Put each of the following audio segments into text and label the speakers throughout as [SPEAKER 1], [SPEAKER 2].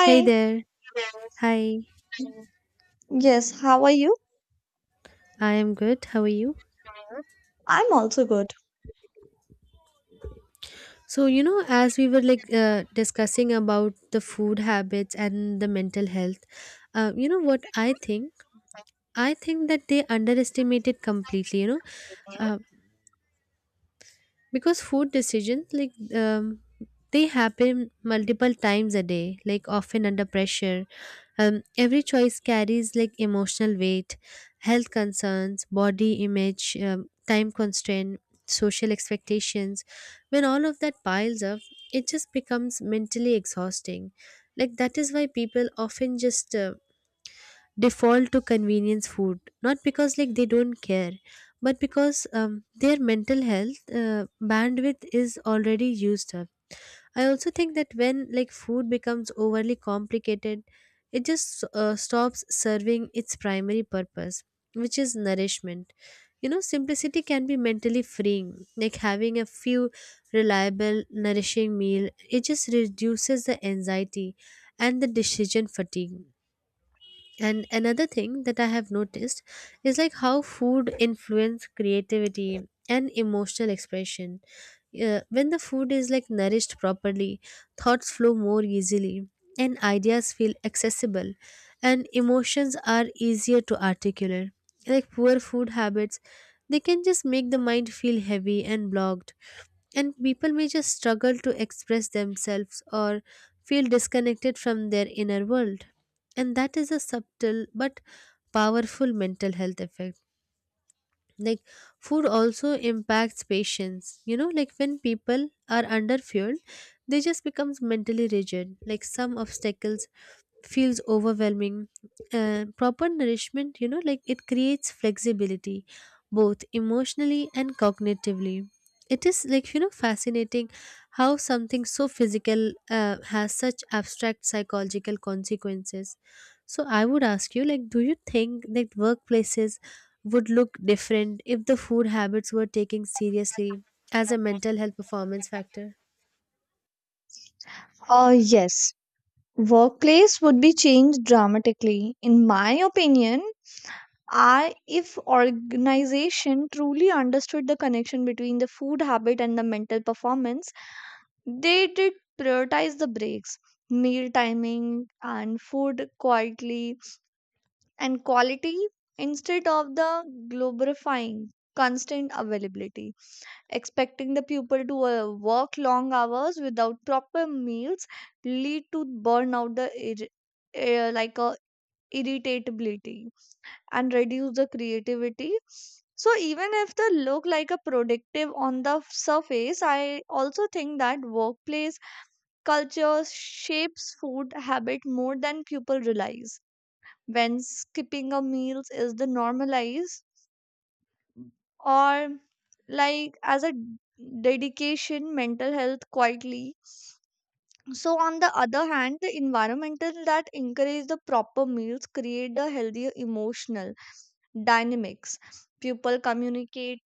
[SPEAKER 1] Hey there. Hi.
[SPEAKER 2] Yes, how are you?
[SPEAKER 1] I am good. How are you?
[SPEAKER 2] I'm also good.
[SPEAKER 1] So, as we were like discussing about the food habits and the mental health, you know what I think? I think that they underestimate it completely. Uh, because food decisions like um, they happen multiple times a day like often under pressure, every choice carries like emotional weight, health concerns, body image, time constraint, social expectations. When all of that piles up, it just becomes mentally exhausting. Like, that is why people often just default to convenience food, not because like they don't care, but because, their mental health, bandwidth is already used up. I also think that when like food becomes overly complicated, it just stops serving its primary purpose, which is nourishment. You know, simplicity can be mentally freeing, like having a few reliable nourishing meal, it just reduces the anxiety and the decision fatigue. And another thing that I have noticed is like how food influence creativity and emotional expression. When the food is like nourished properly, thoughts flow more easily and ideas feel accessible and emotions are easier to articulate. Like poor food habits, they can just make the mind feel heavy and blocked, and people may just struggle to express themselves or feel disconnected from their inner world. And that is a subtle but powerful mental health effect. Like food also impacts patience. You know, like when people are under fueled, they just becomes mentally rigid, like some obstacles feels overwhelming. And proper nourishment, you know, like it creates flexibility both emotionally and cognitively. It is like, you know, fascinating how something so physical has such abstract psychological consequences. So I would ask you, like, do you think that workplaces would look different if the food habits were taken seriously as a mental health performance factor?
[SPEAKER 2] Uh, yes, Workplace would be changed dramatically. In my opinion, I if organization truly understood the connection between the food habit and the mental performance, they did prioritize the breaks, meal timing, and food quietly and quality instead of the glorifying constant availability. Expecting the pupil to work long hours without proper meals lead to burnout the ir- like a irritability and reduce the creativity, so even if they look like a productive on the surface. I also think that workplace culture shapes food habit more than people realize, when skipping a meals is the normalized, or like as a dedication mental health quietly. So on the other hand, the environmental that encourage the proper meals create the healthier emotional dynamics. People communicate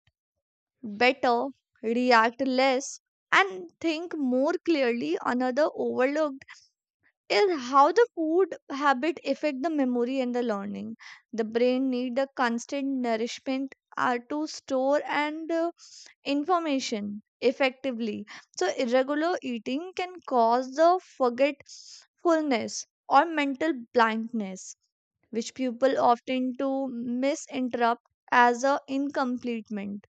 [SPEAKER 2] better, react less, and think more clearly. Another overlooked is how the food habit affect the memory and the learning. The brain need the constant nourishment are to store and information effectively. So, irregular eating can cause the forgetfulness or mental blindness, which people often to misinterpret as a incompletement.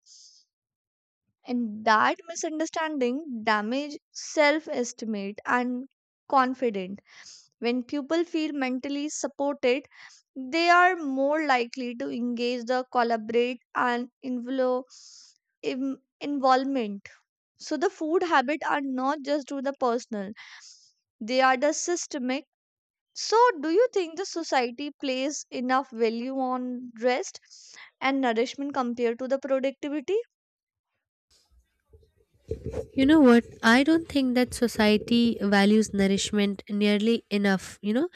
[SPEAKER 2] And that misunderstanding damage self-estimate and confidence. When people feel mentally supported, they are more likely to engage the collaborate and involve involvement, so the food habit are not just to the personal, they are the systemic. So do you think the society plays enough value on rest and nourishment compared to the productivity?
[SPEAKER 1] You know what? I don't think that society values nourishment nearly enough, you know,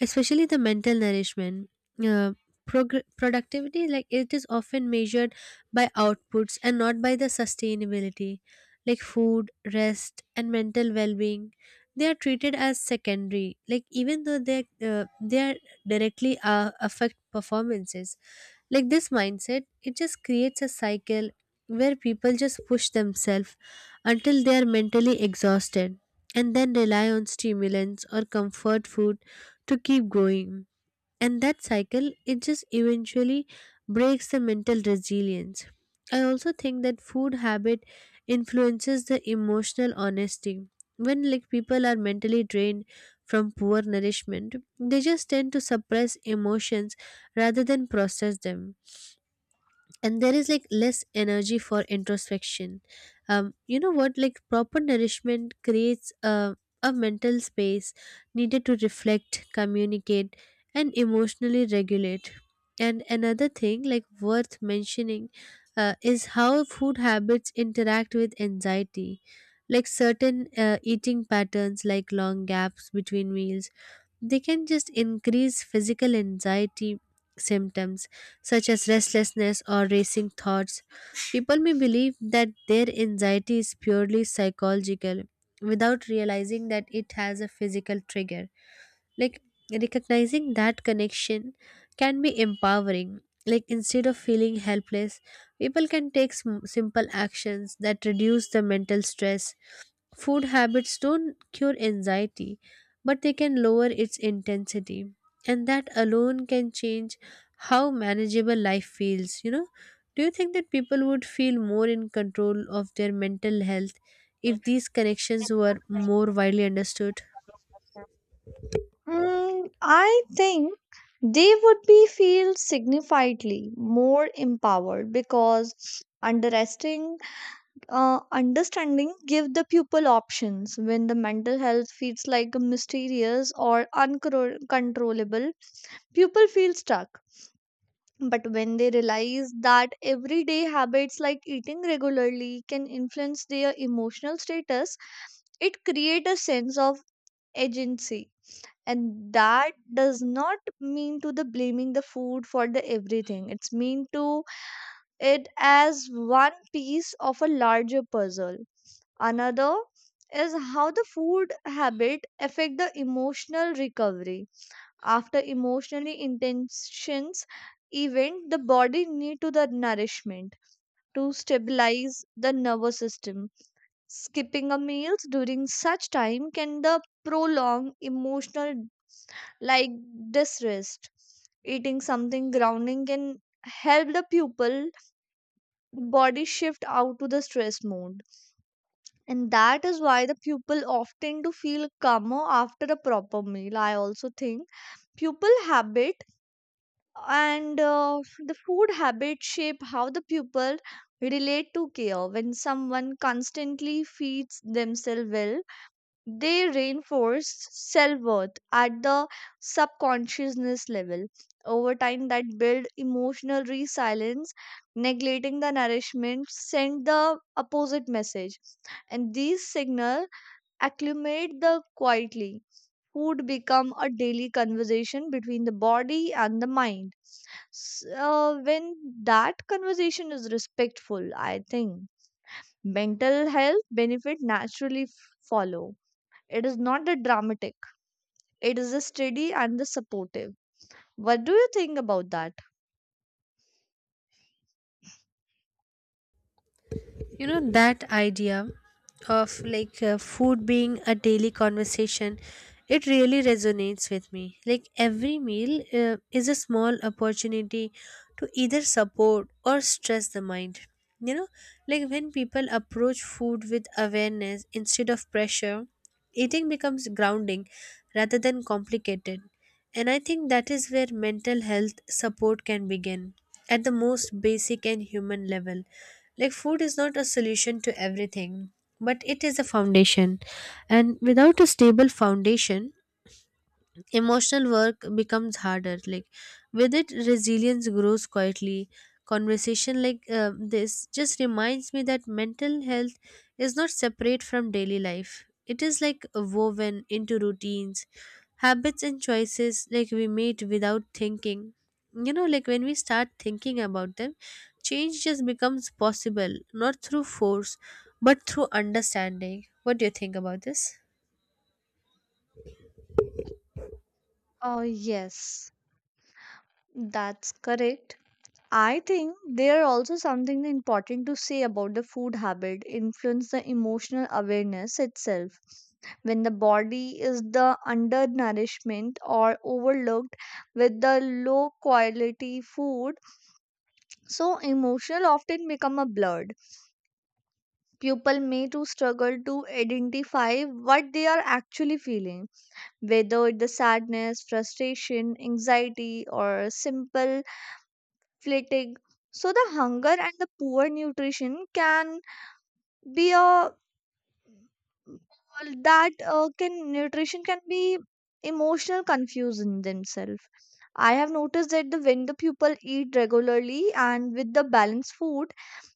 [SPEAKER 1] especially the mental nourishment. Uh, Productivity, like it is often measured by outputs and not by the sustainability, like food, rest, and mental well being. They are treated as secondary, like even though they they are directly affect performances. Like this mindset, it just creates a cycle where people just push themselves until they are mentally exhausted and then rely on stimulants or comfort food to keep going. And that cycle, it just eventually breaks the mental resilience. I also think that food habit influences the emotional honesty. When like people are mentally drained from poor nourishment, they just tend to suppress emotions rather than process them, and there is like less energy for introspection. You know what, like proper nourishment creates a mental space needed to reflect, communicate, and emotionally regulate. And another thing like worth mentioning is how food habits interact with anxiety. Like certain eating patterns like long gaps between meals, they can just increase physical anxiety symptoms such as restlessness or racing thoughts. People may believe that their anxiety is purely psychological without realizing that it has a physical trigger. Like recognizing that connection can be empowering. Like instead of feeling helpless, people can take simple actions that reduce the mental stress. Food habits don't cure anxiety, but they can lower its intensity. And that alone can change how manageable life feels, you know. Do you think that people would feel more in control of their mental health if these connections were more widely understood?
[SPEAKER 2] Mm, I think they would be feel significantly more empowered because underestimating understanding give the pupil options. When the mental health feels like mysterious or uncontrollable, pupil feels stuck. But when they realize that everyday habits like eating regularly can influence their emotional status, it creates a sense of agency. And that does not mean to the blaming the food for the everything. It's mean to it as one piece of a larger puzzle. Another is how the food habit affect the emotional recovery after emotionally intentions event. The body need to the nourishment to stabilize the nervous system. Skipping a meals during such time can the prolong emotional, like, distress. Eating something grounding can help the pupil body shift out to the stress mode, and that is why the pupil often to feel calmer after a proper meal. I also think pupil habit and the food habits shape how the pupil relate to care. When someone constantly feeds themselves well, they reinforce self-worth at the subconsciousness level. Over time that build emotional resilience. Neglecting the nourishment send the opposite message, and these signal acclimate the quietly. Food become a daily conversation between the body and the mind. So when that conversation is respectful, I think mental health benefit naturally follow. It is not the dramatic. It is the steady and the supportive. What do you think about that?
[SPEAKER 1] You know, that idea of like food being a daily conversation, it really resonates with me. Like every meal is a small opportunity to either support or stress the mind. You know, like when people approach food with awareness instead of pressure, eating becomes grounding rather than complicated. And I think that is where mental health support can begin, at the most basic and human level. Like, food is not a solution to everything, but it is a foundation. And without a stable foundation, emotional work becomes harder. Like with it, resilience grows quietly. Conversation like this just reminds me that mental health is not separate from daily life. It is like woven into routines, habits, and choices like we made without thinking. You know, like when we start thinking about them, change just becomes possible, not through force, but through understanding. What do you think about this?
[SPEAKER 2] Oh yes, that's correct. I think there are also something important to say about the food habit influence the emotional awareness itself. When the body is the undernourishment or overlooked with the low quality food, so emotional often become a blurred. People may to struggle to identify what they are actually feeling, whether it's the sadness, frustration, anxiety, or simple fatigue. So the hunger and the poor nutrition can be a well, that can nutrition can be emotional confusion themselves. I have noticed that the when the people eat regularly and with the balanced food,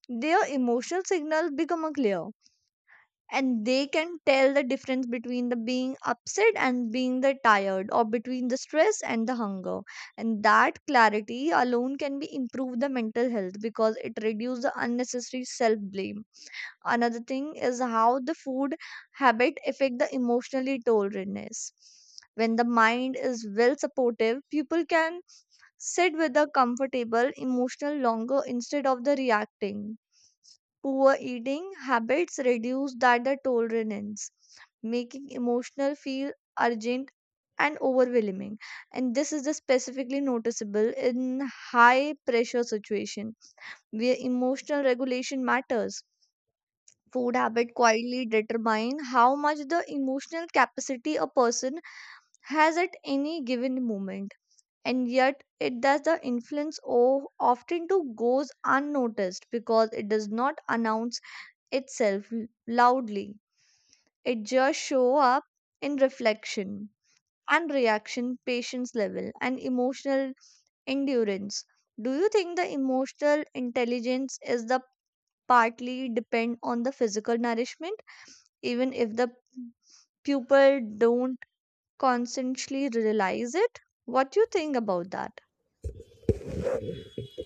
[SPEAKER 2] their emotional signals become a clear, and they can tell the difference between the being upset and being the tired, or between the stress and the hunger. And that clarity alone can be improve the mental health because it reduces the unnecessary self blame. Another thing is how the food habit affect the emotionally tolerance. When the mind is well supportive, people can sit with the comfortable emotional longer instead of the reacting. Poor eating habits reduce that the tolerance, making emotional feel urgent and overwhelming. And this is the specifically noticeable in high pressure situation where emotional regulation matters. Food habit quietly determine how much the emotional capacity a person has at any given moment, and yet it does the influence often to goes unnoticed because it does not announce itself loudly. It just show up in reflection and reaction, patience level, and emotional endurance. Do you think the emotional intelligence is the partly depend on the physical nourishment, even if the people don't consciously realize it? What you think about that?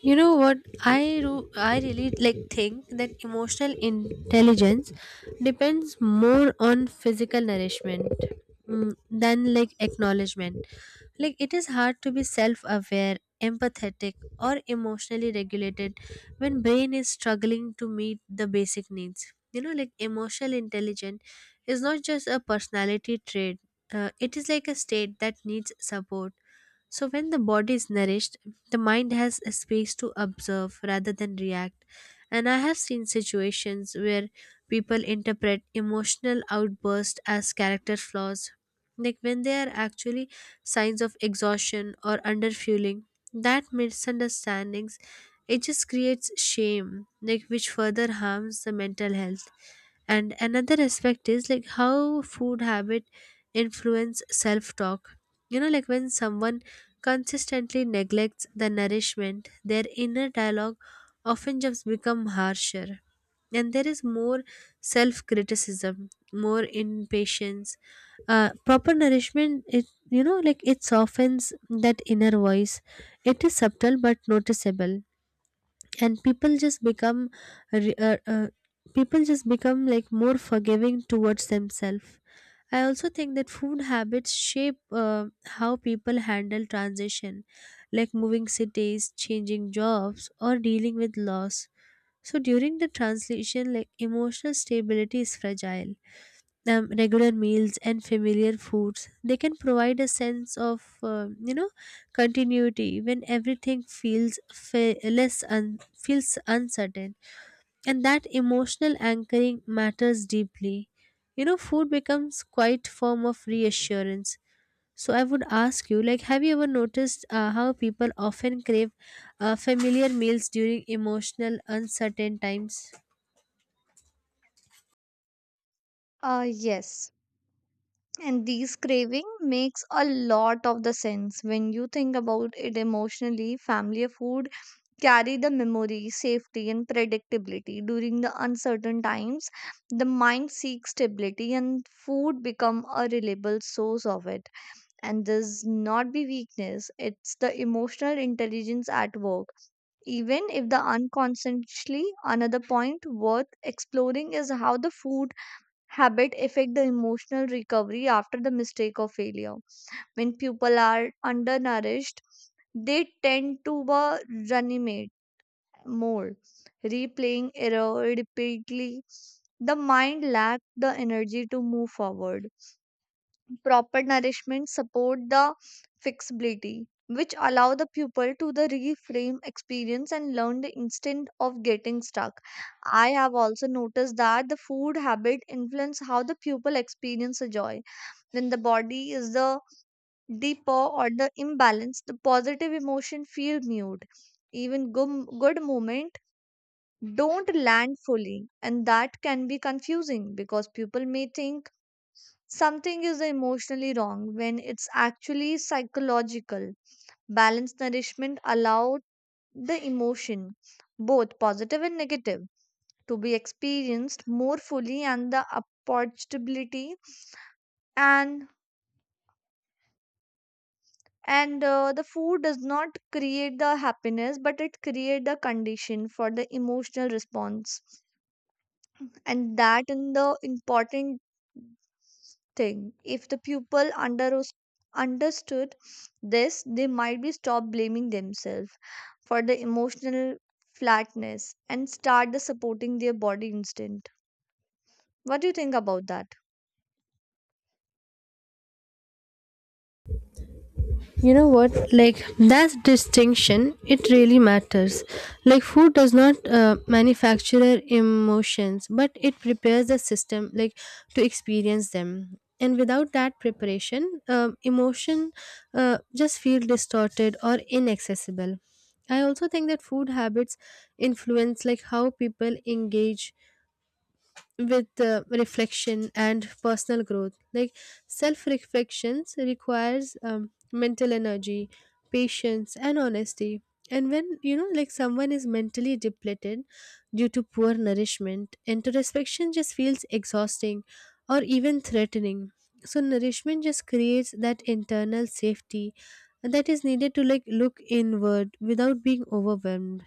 [SPEAKER 1] You know what, I really like think that emotional intelligence depends more on physical nourishment, mm, than like acknowledgement. Like it is hard to be self aware, empathetic, or emotionally regulated when brain is struggling to meet the basic needs. You know, like emotional intelligence is not just a personality trait. It is like a state that needs support. So when the body is nourished, the mind has a space to observe rather than react. And I have seen situations where people interpret emotional outbursts as character flaws, like when they are actually signs of exhaustion or underfueling. That misunderstandings, it just creates shame, like which further harms the mental health. And another aspect is like how food habit influence self talk. You know, like when someone consistently neglects the nourishment, their inner dialogue often just become harsher, and there is more self criticism, more impatience. Proper nourishment, it, you know, like it softens that inner voice. It is subtle but noticeable, and people just become re- uh, uh, people just become like more forgiving towards themselves. I also think that food habits shape how people handle transition, like moving cities, changing jobs, or dealing with loss. So during the translation, like emotional stability is fragile. Regular meals and familiar foods, they can provide a sense of, you know, continuity when everything feels fa- less un- feels uncertain. And that emotional anchoring matters deeply. You know, food becomes quite form of reassurance. So I would ask you, like, have you ever noticed, how people often crave familiar meals during emotional uncertain times?
[SPEAKER 2] Yes. And these craving makes a lot of the sense when you think about it emotionally. Family food carry the memory, safety, and predictability. During the uncertain times, the mind seeks stability, and food become a reliable source of it. And this not be weakness; it's the emotional intelligence at work, even if the unconsciously. Another point worth exploring is how the food habit affect the emotional recovery after the mistake or failure. When people are undernourished, they tend to ruminate more, replaying error repeatedly. The mind lacks the energy to move forward. Proper nourishment support the flexibility which allow the pupil to the reframe experience and learn the instant of getting stuck. I have also noticed that the food habit influence how the pupil experience the joy. When the body is the deeper or the imbalance, the positive emotion feel mute. Even good moment don't land fully, and that can be confusing because people may think something is emotionally wrong when it's actually psychological. Balanced nourishment allows the emotion, both positive and negative, to be experienced more fully, and the approachability. And the food does not create the happiness, but it creates the condition for the emotional response, and that in the important thing. If the pupil understood this, they might be stop blaming themselves for the emotional flatness and start the supporting their body instinct. What do you think about that?
[SPEAKER 1] You know what, like that distinction, it really matters. Like food does not manufacture emotions, but it prepares the system, like, to experience them. And without that preparation, emotion just feel distorted or inaccessible. I also think that food habits influence like how people engage with reflection and personal growth. Like self reflections requires mental energy, patience, and honesty. And when, you know, like someone is mentally depleted due to poor nourishment, introspection just feels exhausting or even threatening. So nourishment just creates that internal safety that is needed to like look inward without being overwhelmed.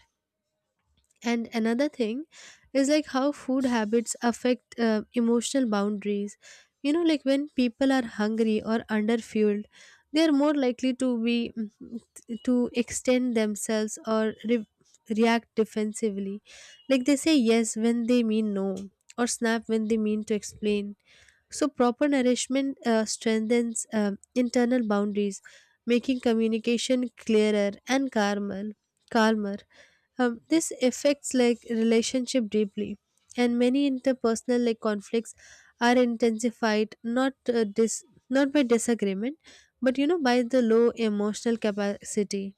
[SPEAKER 1] And another thing is like how food habits affect emotional boundaries. You know, like when people are hungry or underfueled, they are more likely to be, to extend themselves or react defensively. Like they say yes when they mean no, or snap when they mean to explain. So proper nourishment strengthens internal boundaries, making communication clearer and calmer. Calmer. This affects like relationship deeply, and many interpersonal like conflicts are intensified uh, dis- not by disagreement, but, you know, by the low emotional capacity.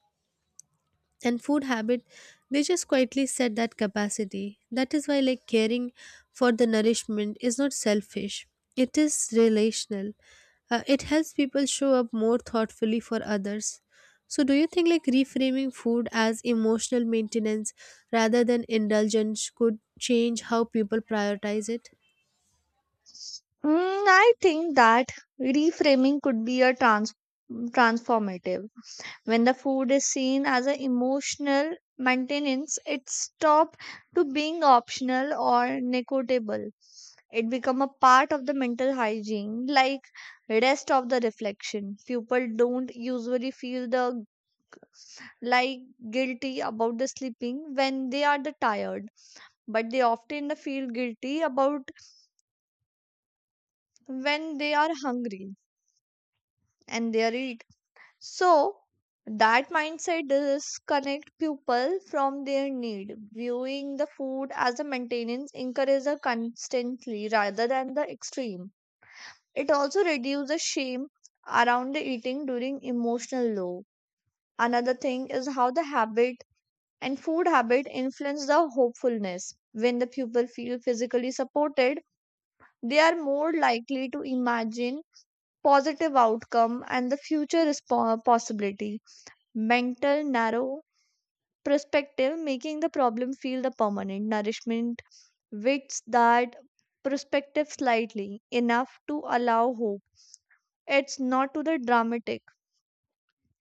[SPEAKER 1] And food habit, they just quietly set that capacity. That is why, like, caring for the nourishment is not selfish, it is relational. It helps people show up more thoughtfully for others. So do you think like reframing food as emotional maintenance rather than indulgence could change how people prioritize it?
[SPEAKER 2] Mm, I think that reframing could be a transformative. When the food is seen as an emotional maintenance, it stop to being optional or negotiable. It become a part of the mental hygiene, like rest of the reflection. People don't usually feel the, like, guilty about the sleeping when they are the tired, but they often the feel guilty about when they are hungry and they are eat. So that mindset disconnect people from their need. Viewing the food as a maintenance encourages a constantly rather than the extreme. It also reduces shame around the eating during emotional low. Another thing is how the habit and food habit influence the hopefulness. When the pupil feel physically supported, they are more likely to imagine positive outcome and the future possibility. Mental narrow perspective making the problem feel the permanent. Nourishment widths that perspective slightly enough to allow hope. It's not to the dramatic.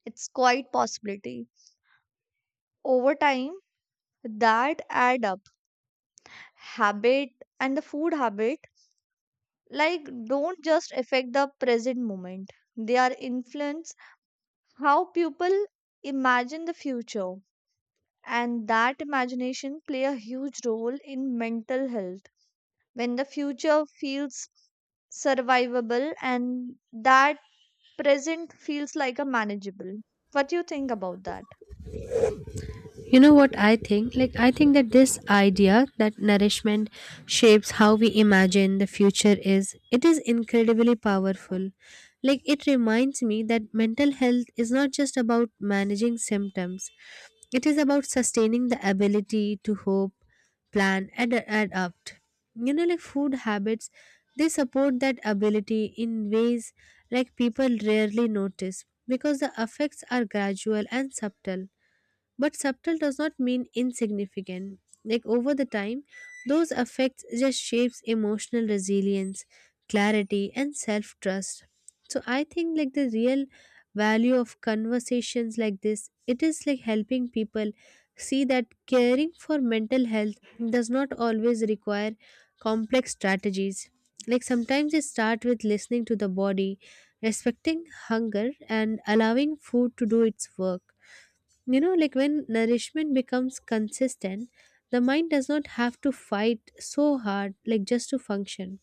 [SPEAKER 2] It's quite possibility. Over time, that add up. Habit and the food habit, like, don't just affect the present moment. They are influence how people imagine the future, and that imagination play a huge role in mental health. When the future feels survivable, and that present feels like a manageable. What do you think about that?
[SPEAKER 1] You know what I think? Like, I think that this idea that nourishment shapes how we imagine the future is, it is incredibly powerful. Like it reminds me that mental health is not just about managing symptoms, it is about sustaining the ability to hope, plan, and adapt. You know, like food habits, they support that ability in ways, like people rarely notice, because the effects are gradual and subtle. But subtle does not mean insignificant. Like over the time, those effects just shapes emotional resilience, clarity, and self-trust. So I think, like, the real value of conversations like this, it is like helping people see that caring for mental health does not always require complex strategies. Like sometimes it starts with listening to the body, respecting hunger, and allowing food to do its work. You know, like when nourishment becomes consistent, the mind does not have to fight so hard, like just to function.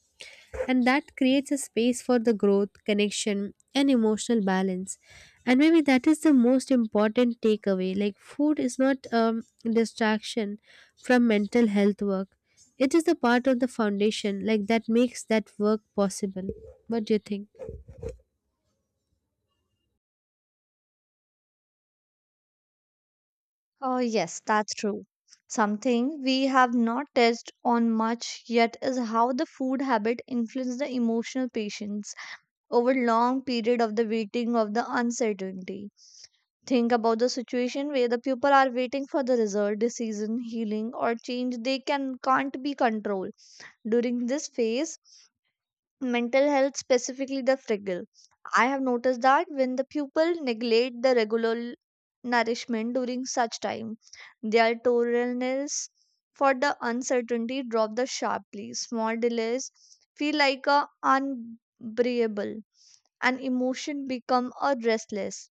[SPEAKER 1] And that creates a space for the growth, connection, and emotional balance. And maybe that is the most important takeaway. Like, food is not, distraction from mental health work, it is the part of the foundation, like, that makes that work possible. What do you think?
[SPEAKER 2] Oh, yes, that's true. Something we have not touched on much yet is how the food habit influence the emotional patience over long period of the waiting of the uncertainty. Think about the situation where the people are waiting for the result, decision, healing, or change they can't be controlled. During this phase, mental health specifically the fragile. I have noticed that when the pupil neglect the regular nourishment during such time, their tolerance for the uncertainty drop the sharply. Small delays feel like a unbearable, and emotion become a restless.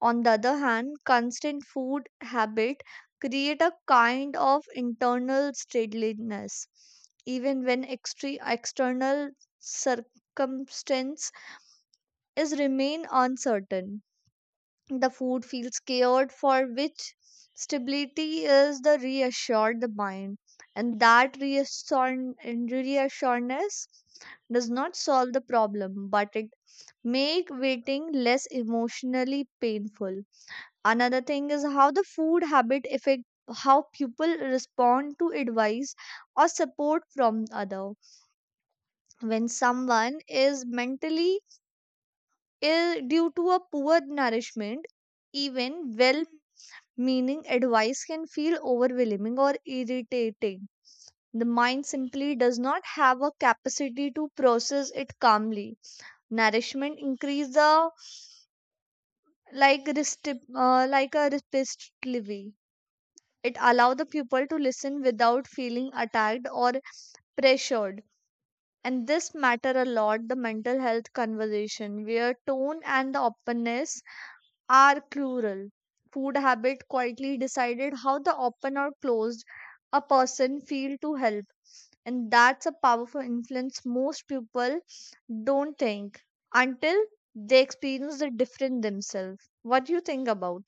[SPEAKER 2] On the other hand, constant food habit create a kind of internal steadiness, even when external circumstance is remain uncertain. The food feels scared, for which stability is the reassured the mind. And that reassurance does not solve the problem, but it make waiting less emotionally painful. Another thing is how the food habit affect how people respond to advice or support from other. When someone is mentally ill due to a poor nourishment, even well meaning advice can feel overwhelming or irritating. The mind simply does not have a capacity to process it calmly. Nourishment increase the like resti- like a repetitively. It allow the pupil to listen without feeling attacked or pressured. And this matter a lot the mental health conversation where tone and the openness are plural. Food habit quietly decided how the open or closed a person feel to help, and that's a powerful influence most people don't think until they experience the different themselves. What do you think about?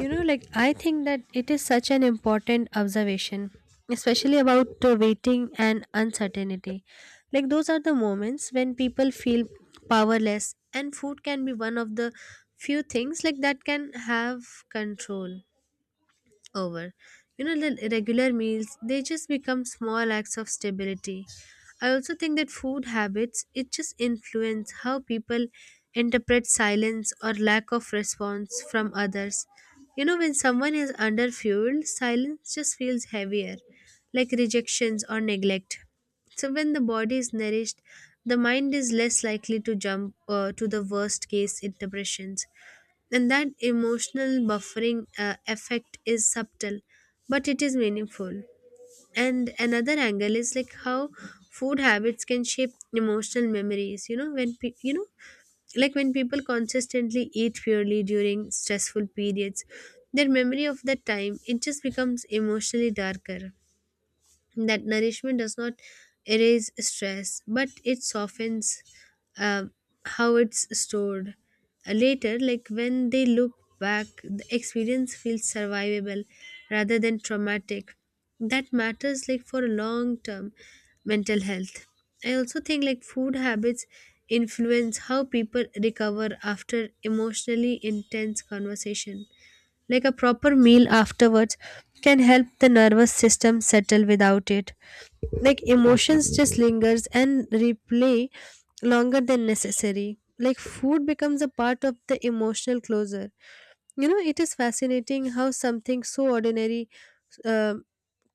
[SPEAKER 1] You know, like I think that it is such an important observation, especially about waiting and uncertainty. Like those are the moments when people feel powerless, and food can be one of the few things like that can have control over. You know, the regular meals, they just become small acts of stability. I also think that food habits, it just influence how people interpret silence or lack of response from others. You know, when someone is under, silence just feels heavier, like rejections or neglect. So, when the body is nourished, the mind is less likely to jump, to the worst case interpretations. And that emotional buffering effect is subtle, but it is meaningful. And another angle is like how food habits can shape emotional memories. You know, you know, like when people consistently eat purely during stressful periods, their memory of that time, it just becomes emotionally darker. That nourishment does not erase stress, but it softens um how it's stored. Later like when they look back, the experience feels survivable rather than traumatic. That matters, like, for long term mental health. I also think, like, food habits influence how people recover after emotionally intense conversation. Like a proper meal afterwards can help the nervous system settle. Without it, like emotions just lingers and replay longer than necessary. Like food becomes a part of the emotional closure. You know, it is fascinating how something so ordinary uh,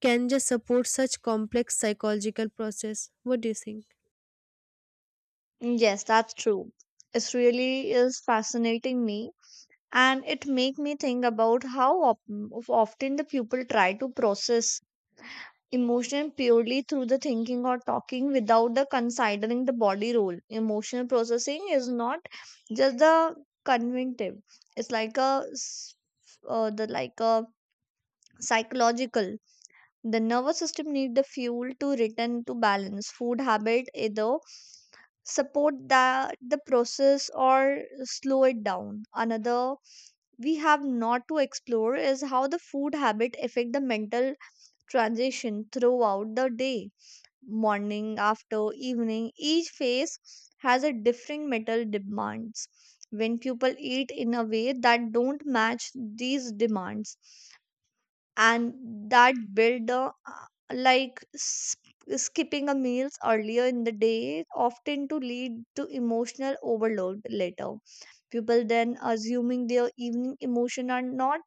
[SPEAKER 1] can just support such complex psychological process. What do you think?
[SPEAKER 2] Yes, that's true. It really is fascinating me, and it make me think about how op- of often the people try to process emotion purely through the thinking or talking without the considering the body role. Emotional processing is not just the cognitive. It's like a psychological. The nervous system need the fuel to return to balance. Food habit either support the process or slow it down. Another we have not to explore is how the food habit affect the mental transition throughout the day. Morning, after, evening, each phase has a different metal demands. When people eat in a way that don't match these demands, and that build the like s- skipping a meals earlier in the day often to lead to emotional overload later. People then assuming their evening emotion are not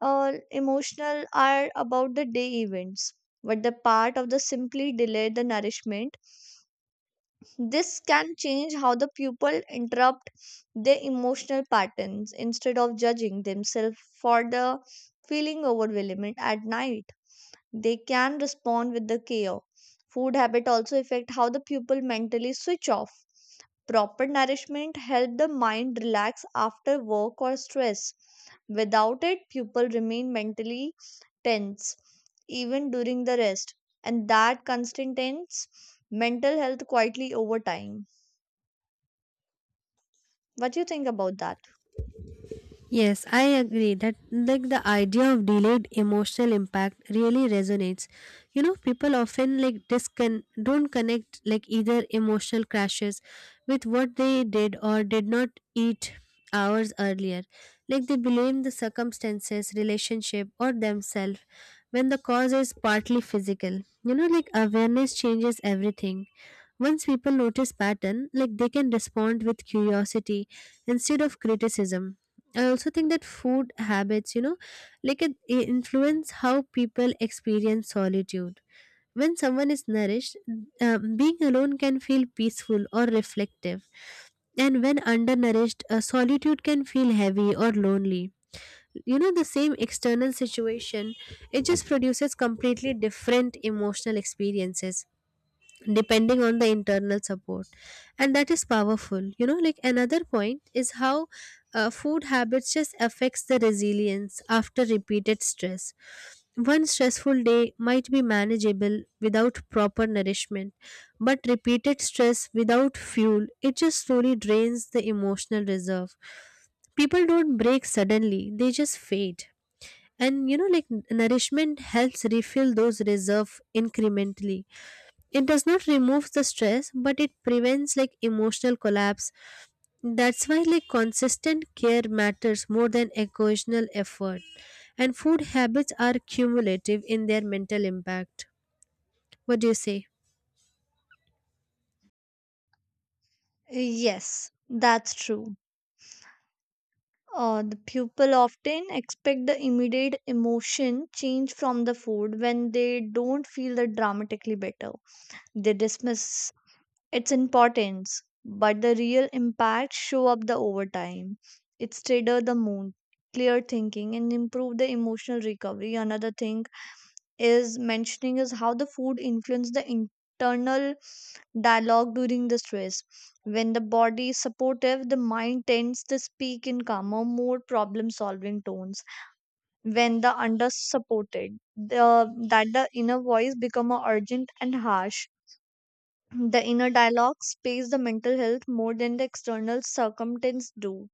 [SPEAKER 2] emotional are about the day events, but the part of the simply delay the nourishment. This can change how the pupil interrupt their emotional patterns. Instead of judging themselves for the feeling overwhelmed at night, they can respond with the care. Food habit also affect how the pupil mentally switch off. Proper nourishment help the mind relax after work or stress. Without it, pupil remain mentally tense even during the rest, and that constant tense mental health quietly over time. What do you think about that?
[SPEAKER 1] Yes, I agree that, like, the idea of delayed emotional impact really resonates. You know, people often like discon don't connect like either emotional crashes with what they did or did not eat hours earlier. Like they blame the circumstances, relationship, or themselves when the cause is partly physical. You know, like awareness changes everything. Once people notice pattern, like they can respond with curiosity instead of criticism. I also think that food habits, you know, like it influence how people experience solitude. When someone is nourished, being alone can feel peaceful or reflective. And when undernourished, solitude can feel heavy or lonely. You know, the same external situation, it just produces completely different emotional experiences depending on the internal support. And that is powerful. You know, like another point is how food habits just affects the resilience after repeated stress. One stressful day might be manageable without proper nourishment, but repeated stress without fuel, it just slowly drains the emotional reserve. People don't break suddenly, they just fade. And you know like nourishment helps refill those reserve incrementally. It does not remove the stress, but it prevents like emotional collapse. That's why, like, consistent care matters more than occasional effort. And food habits are cumulative in their mental impact. What do you say?
[SPEAKER 2] Yes, that's true. The people often expect the immediate emotion change from the food when they don't feel the dramatically better. They dismiss its importance, but the real impact show up the over time. It steadier the mood, clear thinking, and improve the emotional recovery. Another thing is mentioning is how the food influences the internal dialogue during the stress. When the body is supportive, the mind tends to speak in calmer, more problem solving tones. When the under supported, that the inner voice become more urgent and harsh. The inner dialogue space the mental health more than the external circumstance do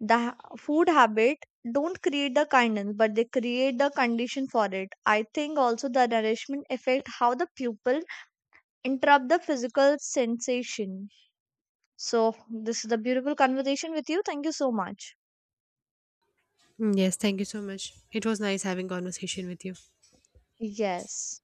[SPEAKER 2] food habit don't create the kindness, but they create the condition for it. I think also the nourishment affect how the pupil interrupt the physical sensation. So this is a beautiful conversation with you. Thank you so much.
[SPEAKER 1] Yes, thank you so much. It was nice having conversation with you.
[SPEAKER 2] Yes.